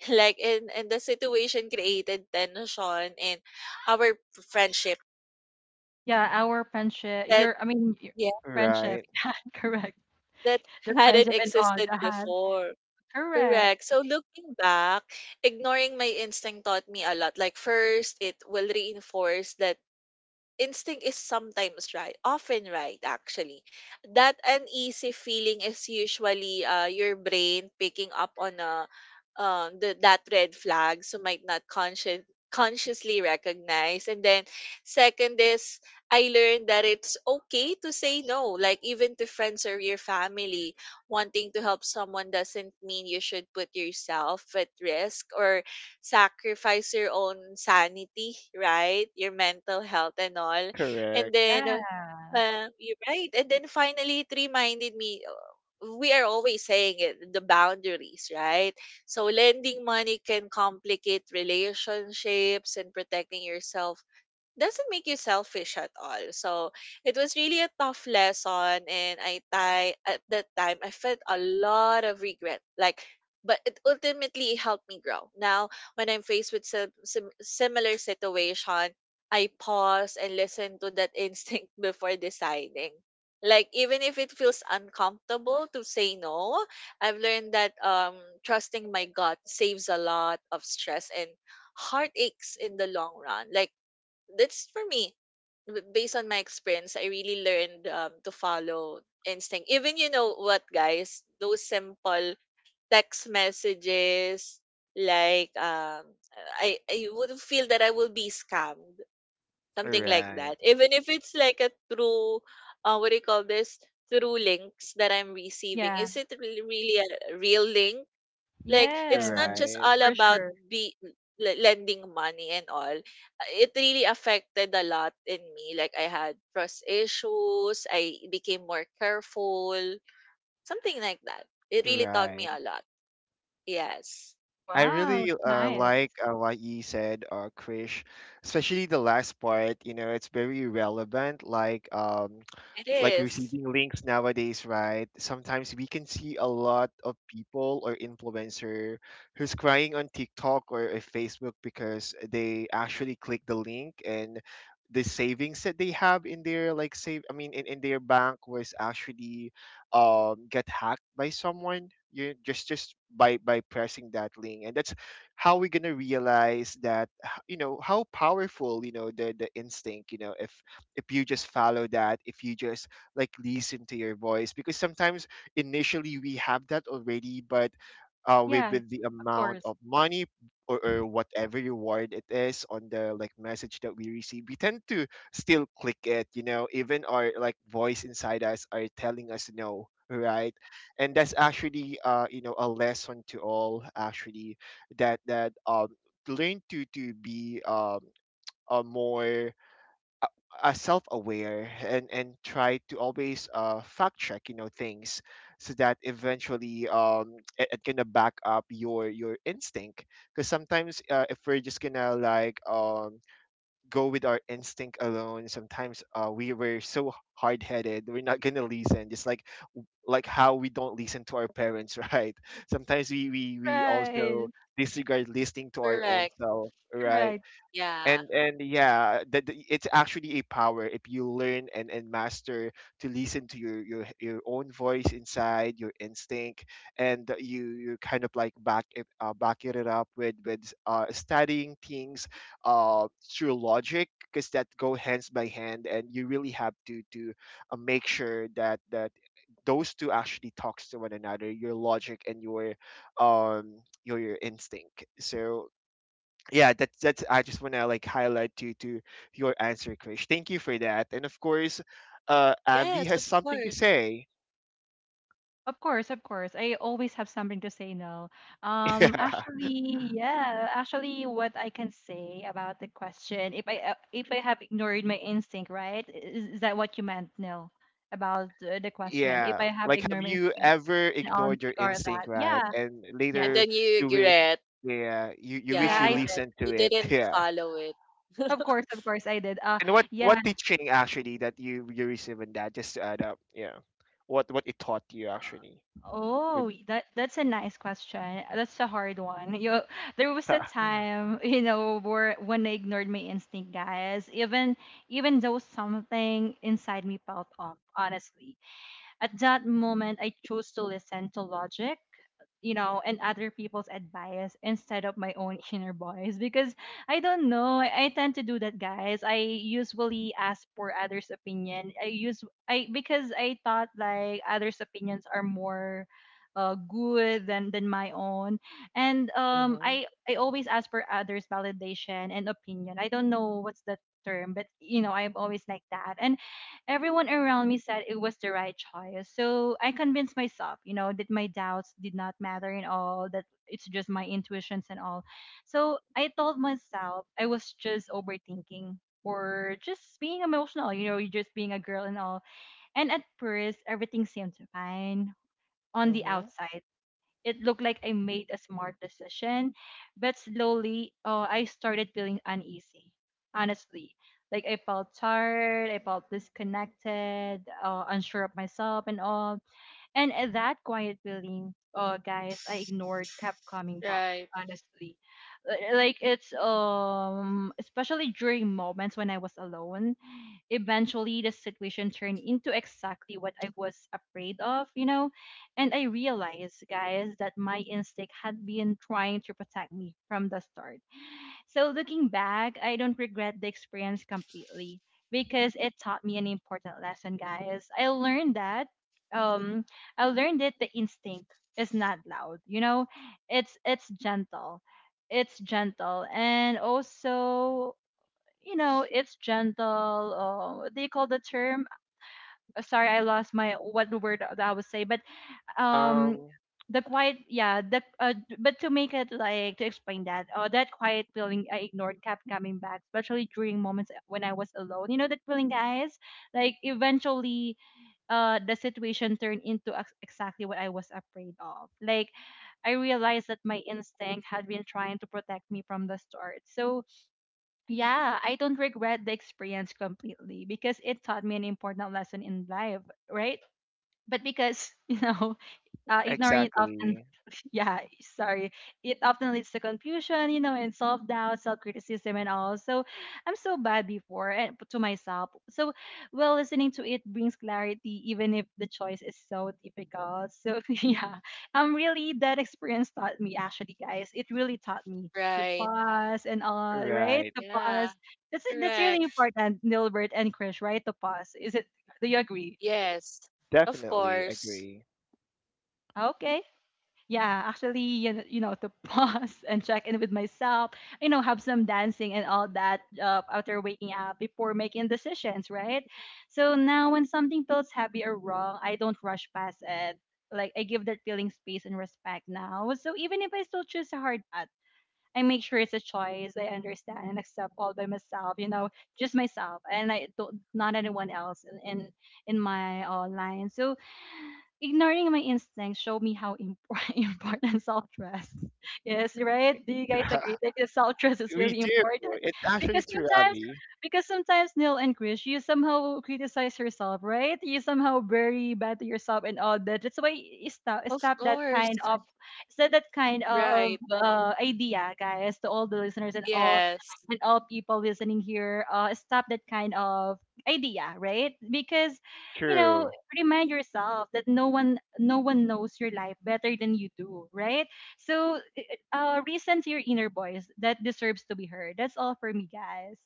Like, and the situation created tension in our friendship
Yeah, our friendship,
that
your, I mean, your
yeah,
friendship
right,
yeah, correct.
that
The
hadn't
friendship and all
existed
that.
before.
Correct.
Correct. So looking back, ignoring my instinct taught me a lot. Like first, it will reinforce that instinct is sometimes right, often right, actually. That uneasy feeling is usually your brain picking up on that red flag, so might not conscious, consciously recognize. And then, second is, I learned that it's okay to say no, like even to friends or your family. Wanting to help someone doesn't mean you should put yourself at risk or sacrifice your own sanity, right? Your mental health and all.
correct,
And then,
Yeah,
you're right. And then finally, it reminded me we are always saying it, the boundaries, right? So, lending money can complicate relationships and protecting yourself doesn't make you selfish at all. So it was really a tough lesson, and I at that time I felt a lot of regret. Like, but it ultimately helped me grow. Now, when I'm faced with similar situation, I pause and listen to that instinct before deciding. Like even if it feels uncomfortable to say no, I've learned that trusting my gut saves a lot of stress and heartaches in the long run. Like that's for me, based on my experience. I really learned to follow instinct. Even you know what guys, those simple text messages, like I would feel that I will be scammed, something like
right,
that. Even if it's like a through, what do you call this, through links that I'm receiving,
yeah.
is it really, really a real link? Like,
Yes,
it's not just
right,
all
for
about
sure.
be lending money and all. It really affected a lot in me. Like, I had trust issues. I became more careful. Something like that. It really taught me
right.
a lot. Yes,
I
Wow.
really like
Nice.
what you said, Krish, especially the last part. You know, it's very relevant.
it
Like
is.
receiving links nowadays, right? Sometimes we can see a lot of people or influencer who's crying on TikTok or Facebook because they actually click the link and the savings that they have in their like save, I mean in their bank was actually get hacked by someone you just by pressing that link. And that's how we're gonna realize that you know how powerful, you know, the instinct, you know, if you just follow that, if you just like listen to your voice. Because sometimes initially we have that already, but
Yeah,
with the
of
amount
course.
of money or whatever reward it is on the like message that we receive, we tend to still click it, you know, even our like voice inside us are telling us no, right? And that's actually you know a lesson to all actually, that that, learn to be a more self-aware and try to always fact check, you know, things, so that eventually it, it gonna back up your instinct. Because sometimes if we're just gonna like go with our instinct alone, sometimes we were so hard-headed, we're not gonna listen. Just like how we don't listen to our parents, right? Sometimes we also
Right.
disregard listening to our own
Correct.
self, right?
Right.
Yeah.
And yeah, that that it's actually a power if you learn and master to listen to your own voice inside your instinct, and that you kind of like back it up with studying things through logic, because that go hands by hand. And you really have to make sure that that those two actually talks to one another, your logic and um your instinct. So yeah, that's I just want to like highlight to your answer, Krish. Thank you for that. And of course, Avi
Yes,
has
of
something to
course.
say.
Of course, of course. I always have something to say no. Um,
Yeah,
actually, yeah, actually, what I can say about the question, if I have ignored my instinct, right? Is that what you meant, Nil, about the question? If
yeah,
I have
like have
ignored my
you
instinct,
ever
and I'll
ignored your
ignore
instinct,
that. Yeah,
right, and
yeah,
And
later
then you
you wish,
regret.
yeah, you wish
yeah.
you
I
Yeah.
did.
listened to
You
it?
didn't
Yeah.
follow it.
Of course, I did.
And
Yeah.
what teaching actually that you received in that, just to add up, yeah? What it taught you actually,
Oh,
with?
that that's a nice question. That's a hard one. You, there was a time, you know, where when I ignored my instinct, guys. Even though something inside me felt off, honestly, at that moment I chose to listen to logic, you know, and other people's advice instead of my own inner voice because I don't know. I tend to do that, guys. I usually ask for others' opinion. I use I because I thought like others' opinions are more good than my own, and um,
Mm-hmm,
I I always ask for others' validation and opinion. I don't know what's the term, but you know, I'm always like that, and everyone around me said it was the right choice. So I convinced myself, you know, that my doubts did not matter at all, that it's just my intuitions and all. So I told myself I was just overthinking or just being emotional, you know, just being a girl and all. And at first, everything seemed fine on the
mm-hmm.
outside. It looked like I made a smart decision, but slowly I started feeling uneasy, honestly. Like I felt tired, I felt disconnected, unsure of myself and all. And that quiet feeling, guys, I ignored kept coming back,
Right,
honestly. Like it's especially during moments when I was alone. Eventually, the situation turned into exactly what I was afraid of, you know. And I realized, guys, that my instinct had been trying to protect me from the start. So, looking back, I don't regret the experience completely because it taught me an important lesson, guys. Um, I learned that the instinct is not loud, you know, it's gentle, it's gentle and also you know, it's gentle. What do you call the term? Sorry, I lost my what word that I would say, but um,
um
the quiet, yeah, the but to make it like to explain that, that quiet feeling I ignored kept coming back, especially during moments when I was alone. You know that feeling, guys. Like eventually, the situation turned into exactly what I was afraid of. Like I realized that my instinct had been trying to protect me from the start. So yeah, I don't regret the experience completely because it taught me an important lesson in life, right? But because, you know, ignoring it often,
exactly,
yeah, sorry, it often leads to confusion, you know, and self doubt, self criticism, and all. So I'm so bad before and to myself. So, well, listening to it brings clarity, even if the choice is so difficult. So, yeah, really, that experience taught me, actually, guys, it really taught me. To
right.
pause and all, right?
right.
To
Yeah,
pause. That's really
correct.
important, Nilbert and Krish, right? To pause. Is it? Do you agree?
Yes, of
Definitely
course.
agree.
Okay. Yeah, actually, you know, you know, to pause and check in with myself, you know, have some dancing and all that, after waking up before making decisions, right? So now when something feels heavy or wrong, I don't rush past it. Like, I give that feeling space and respect now. So even if I still choose a hard path, I make sure it's a choice I understand and accept all by myself, you know, just myself, and I don't not anyone else in my line. So ignoring my instincts showed me how important self trust is, right? Do you guys agree that self trust is
We
really
do.
important?
It's actually
Because
true,
sometimes,
Abby.
because sometimes Neil and Chris, you somehow criticize yourself, right? You somehow very bad to yourself and all that. That's why you
Of
stop that kind
course.
of
Right.
idea, guys, to all the listeners
Yes.
and all people listening here. Stop that kind of idea, right? Because, you know,
True.
remind yourself that no one knows your life better than you do, right? So listen to your inner voice that deserves to be heard. That's all for me, guys.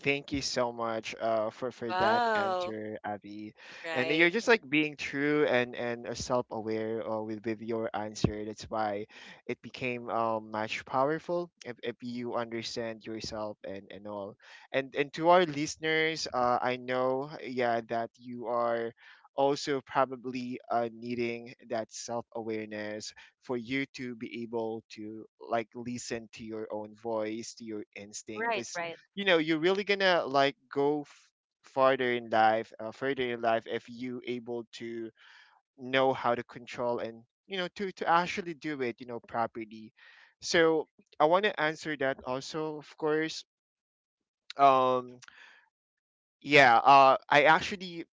Thank you so much for that
Wow.
answer, Abby. And
Right.
you're just like being true and self-aware with your answer. That's why it became much powerful if you understand yourself and all. And to our listeners, I know, yeah, that you are also probably needing that self-awareness for you to be able to like listen to your own voice, to your instinct.
Right,
Because
right.
you know you're really gonna like go farther in life, further in life, if you able to know how to control and you know to actually do it, you know, properly. So I want to answer that also, of course. um yeah, I actually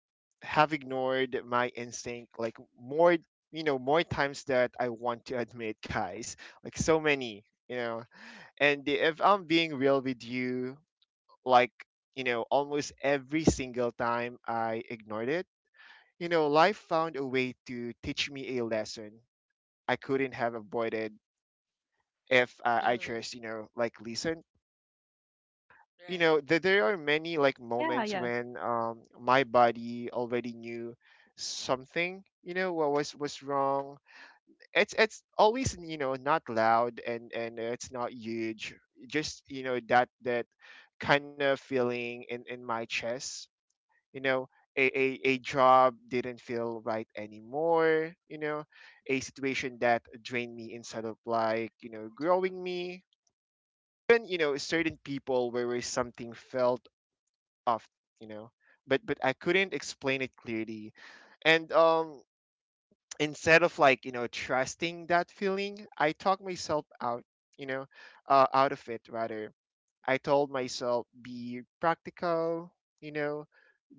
have ignored my instinct, like more, you know, more times that I want to admit, guys. Like so many, you know. And if I'm being real with you, like, you know, almost every single time I ignored it, you know, life found a way to teach me a lesson I couldn't have avoided if I
Mm.
just, you know, like listened. You
Right.
know, there are many like
Yeah,
moments
yeah.
when my body already knew something, you know, what was wrong. It's always, you know, not loud and it's not huge. Just, you know, that that kind of feeling in my chest, you know. a, a, a job didn't feel right anymore, you know. A situation that drained me instead of like, you know, growing me. Even, you know, certain people where something felt off, you know, but I couldn't explain it clearly. And instead of like, you know, trusting that feeling, I talked myself out, you know, out of it rather. I told myself, be practical, you know,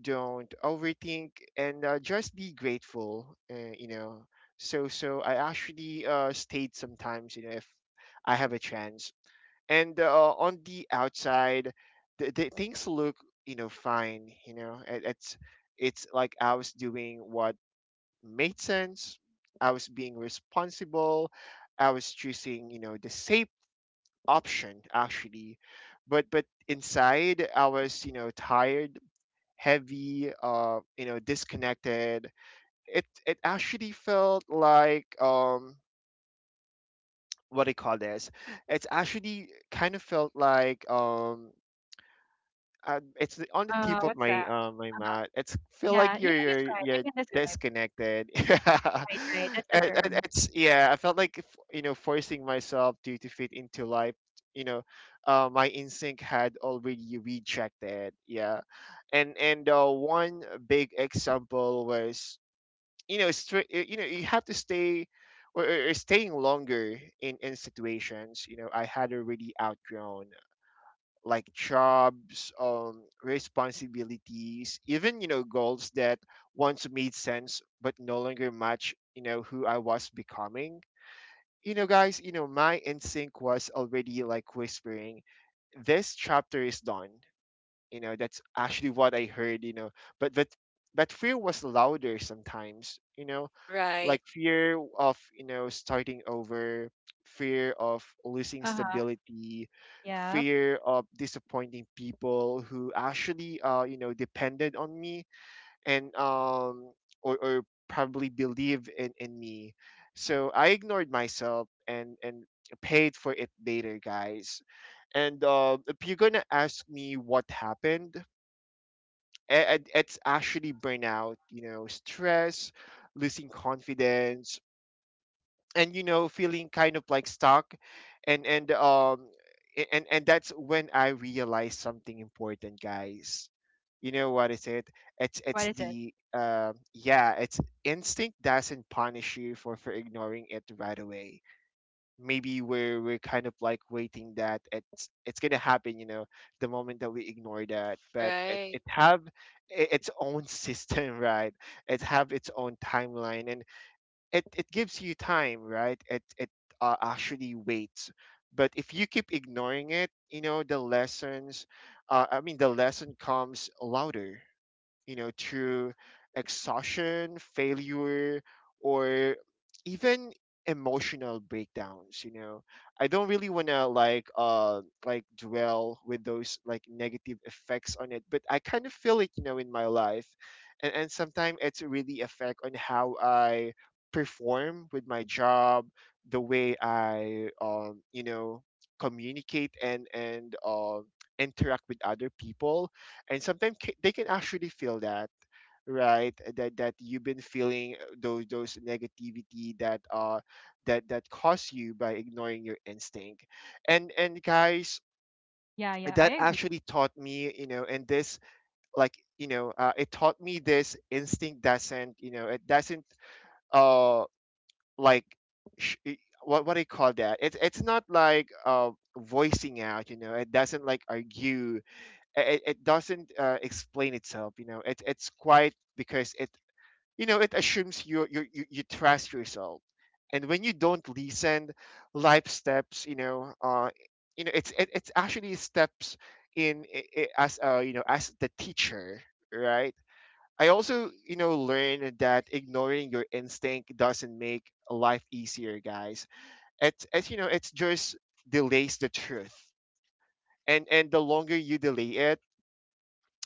don't overthink, and just be grateful, you know. So so I actually stayed sometimes, you know, if I have a chance. And on the outside, the things look, you know, fine. You know, it, it's like I was doing what made sense. I was being responsible, I was choosing, you know, the safe option actually, but inside I was, you know, tired, heavy, you know, disconnected. It actually felt like what do you call this? It's actually kind of felt like it's on the tip of
What's
my
that?
my
Uh-huh.
mouth. It's feel
Yeah,
like
you
you're
can describe.
you're
You can describe.
disconnected. Yeah,
Right, right. That's the term.
it's yeah. I felt like you know forcing myself to fit into life. You know, my instinct had already rejected. Yeah, and one big example was, you know, straight. You know, you have to stay. Or staying longer in situations, you know, I had already outgrown. Like jobs, responsibilities, even, you know, goals that once made sense but no longer match, you know, who I was becoming. You know, guys, you know my instinct was already like whispering, "This chapter is done." You know, that's actually what I heard. You know, but but but fear was louder sometimes. You know,
Right.
like fear of, you know, starting over, fear of losing
Uh-huh.
stability,
Yep.
fear of disappointing people who actually you know depended on me, and or probably believe in me. So I ignored myself and paid for it later, guys. And if you're gonna ask me what happened, it's actually burnout, you know, stress, losing confidence, and, you know, feeling kind of like stuck. And and that's when I realized something important, guys. You know what is it?
What
It's
is it?
the yeah, it's instinct doesn't punish you for ignoring it right away. Maybe we're kind of like waiting that it's gonna happen, you know, the moment that we ignore that. But it,
Right.
it have its own system, right? It have its own timeline. And it gives you time, right? It actually waits. But if you keep ignoring it, you know, the lessons, I mean, the lesson comes louder, you know, through exhaustion, failure, or even emotional breakdowns, you know. I don't really want to like dwell with those like negative effects on it, but I kind of feel it, you know, in my life. And sometimes it's really affect on how I perform with my job, the way I you know, communicate and interact with other people. And sometimes they can actually feel that, right, that that you've been feeling those negativity that that caused you by ignoring your instinct. And guys,
Yeah, yeah. I
that
agree.
actually taught me, you know. And this, like, you know, it taught me this: instinct doesn't, you know, it doesn't uh like sh- i- what do you call that, it's not like, voicing out, you know. It doesn't like argue, it doesn't explain itself, you know. It, it's quite, because it, you know, it assumes you you trust yourself. And when you don't listen, life steps, you know, you know it's it, it's actually steps in, as you know as the teacher, right? I also, you know, learned that ignoring your instinct doesn't make life easier, guys. It's, you know, it's just delays the truth. And the longer you delay it,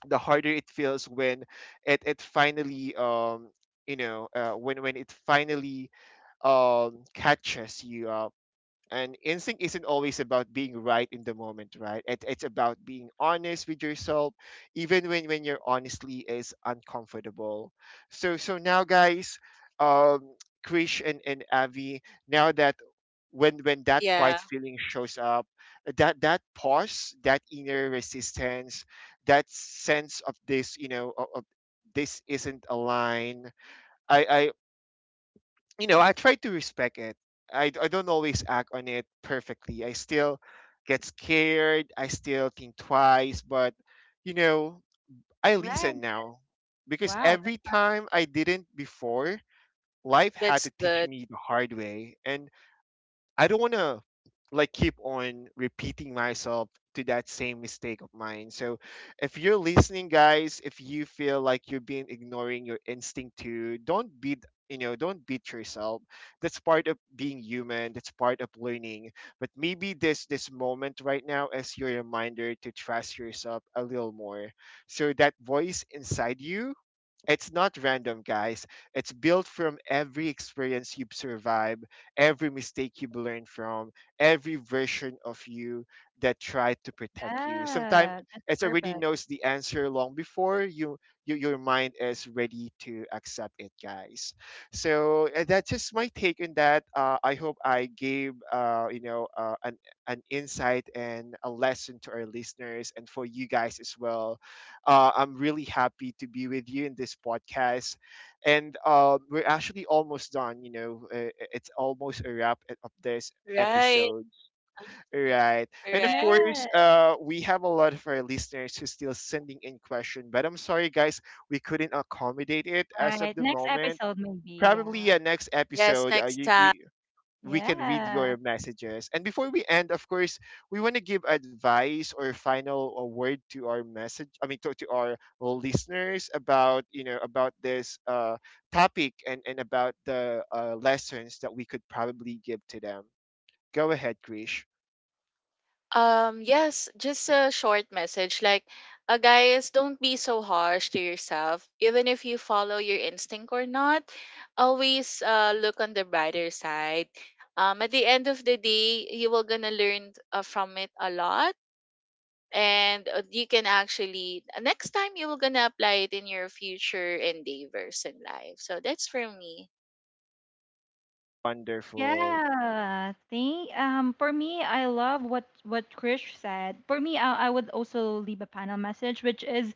the harder it feels when it finally you know when it finally catches you up. And instinct isn't always about being right in the moment, right? It, it's about being honest with yourself, even when your honestly is uncomfortable. So so now, guys, um Krish and Avi, now that, when that
Yeah.
quiet feeling shows up, that that pause, that inner resistance, That sense of this you know of this isn't a line. I you know I try to respect it. I don't always act on it perfectly. I still get scared, I still think twice, but you know I listen
Right.
now, because
Wow.
every time I didn't before, life had
That's
to teach
good.
me the hard way. And I don't want to, like, keep on repeating myself to that same mistake of mine. So if you're listening guys, if you feel like you've been ignoring your instinct, to don't beat yourself. That's part of being human, that's part of learning. But maybe this moment right now is your reminder to trust yourself a little more. So that voice inside you, it's not random, guys. It's built from every experience you've survived, every mistake you've learned from, every version of you that tried to protect you. Sometimes
Yeah, that's
it already
perfect.
knows the answer long before your mind is ready to accept it, guys. So that's just my take on that. I hope I gave an insight and a lesson to our listeners and for you guys as well. I'm really happy to be with you in this podcast. And we're actually almost done. You know, it's almost a wrap of this
Right.
episode. Right. And of
Correct.
course,
Yeah.
we have a lot of our listeners who still sending in question, but I'm sorry, guys, we couldn't accommodate it as of
Right.
the
Next
moment.
episode, maybe. Yeah.
Probably next
Yes,
episode,
next
you,
time.
you we can read your
Yeah.
messages. And before we end, of course, we want to give advice or final word to our message, I mean, to our listeners about about this topic and about the lessons that we could probably give to them. Go ahead, Krish.
Yes, just a short message. Like, guys, don't be so harsh to yourself. Even if you follow your instinct or not, always look on the brighter side. At the end of the day, you will gonna learn from it a lot, and you can actually next time you will gonna apply it in your future endeavors in life. So that's for me.
Wonderful.
Yeah, think for me I love what Krish said. For me I would also leave a panel message, which is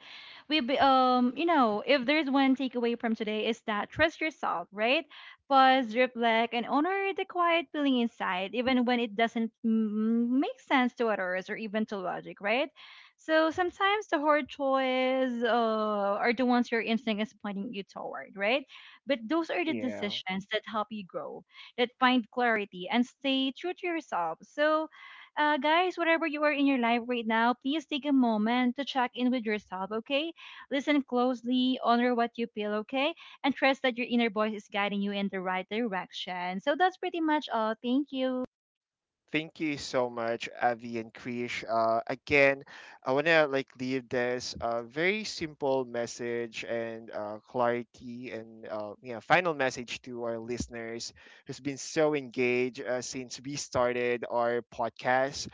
you know, if there's one takeaway from today is that trust yourself, right? Pause, reflect, and honor the quiet feeling inside, even when it doesn't make sense to others or even to logic, right? So sometimes the hard choices are the ones your instinct is pointing you toward, right? But those are the
Yeah.
decisions that help you grow, that find clarity and stay true to yourself. So, guys, whatever you are in your life right now, please take a moment to check in with yourself, okay? Listen closely, honor what you feel, okay? And trust that your inner voice is guiding you in the right direction. So, that's pretty much all. Thank you.
Thank you so much, Avi and Krish. Again, I want to, like, leave this very simple message and clarity and yeah, final message to our listeners who's been so engaged since we started our podcast.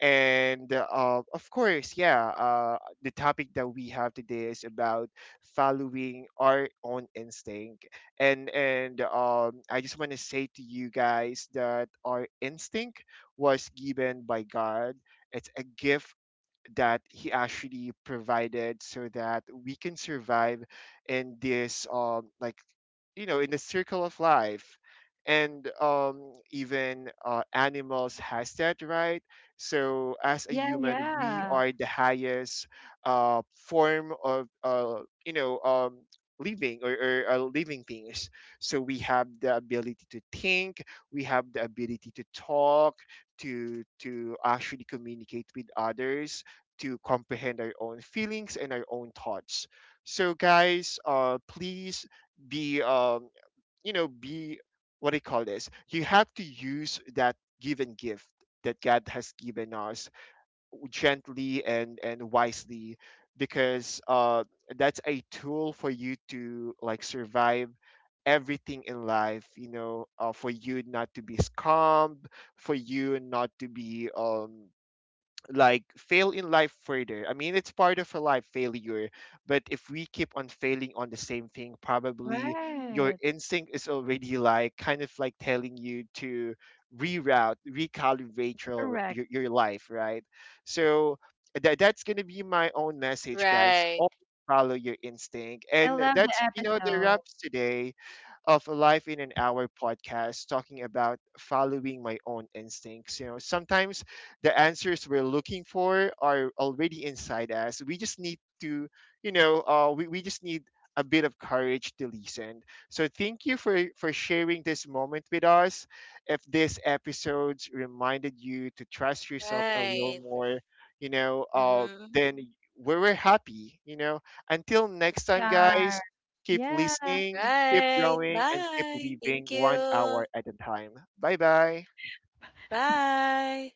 And of course, yeah, the topic that we have today is about following our own instinct. And I just want to say to you guys that our instinct was given by God. It's a gift that he actually provided so that we can survive in this like, you know, in the circle of life. And even animals has that, right? So as a
Yeah,
human, we
yeah.
are the highest uh form of you know um living or living things. So we have the ability to think, we have the ability to talk, to actually communicate with others, to comprehend our own feelings and our own thoughts. So, guys, please be, um, be, what do you call this? You have to use that given gift that God has given us gently and wisely, because that's a tool for you to, like, survive everything in life, you know. For you not to be scammed, for you not to be like fail in life further. I mean, it's part of a life failure, but if we keep on failing on the same thing, probably your
Right.
instinct is already, like, kind of like telling you to reroute, recalibrate your
Correct.
your, your life, right? So that's gonna be my own message, guys.
Right.
Always follow your instinct,
I
and
love the
that's, you know, the
episode.
wraps today of Life in an Hour podcast talking about following my own instincts. You know, sometimes the answers we're looking for are already inside us. We just need to, we just need a bit of courage to listen. So thank you for sharing this moment with us. If this episodes reminded you to trust yourself a little
Right.
more,
Mm-hmm.
then we're happy, you know. Until next
We
time,
are.
guys, keep
Yeah.
listening, keep
Right.
growing, and keep
Bye.
living
Thank
one
you.
hour at a time. Bye bye.
Bye.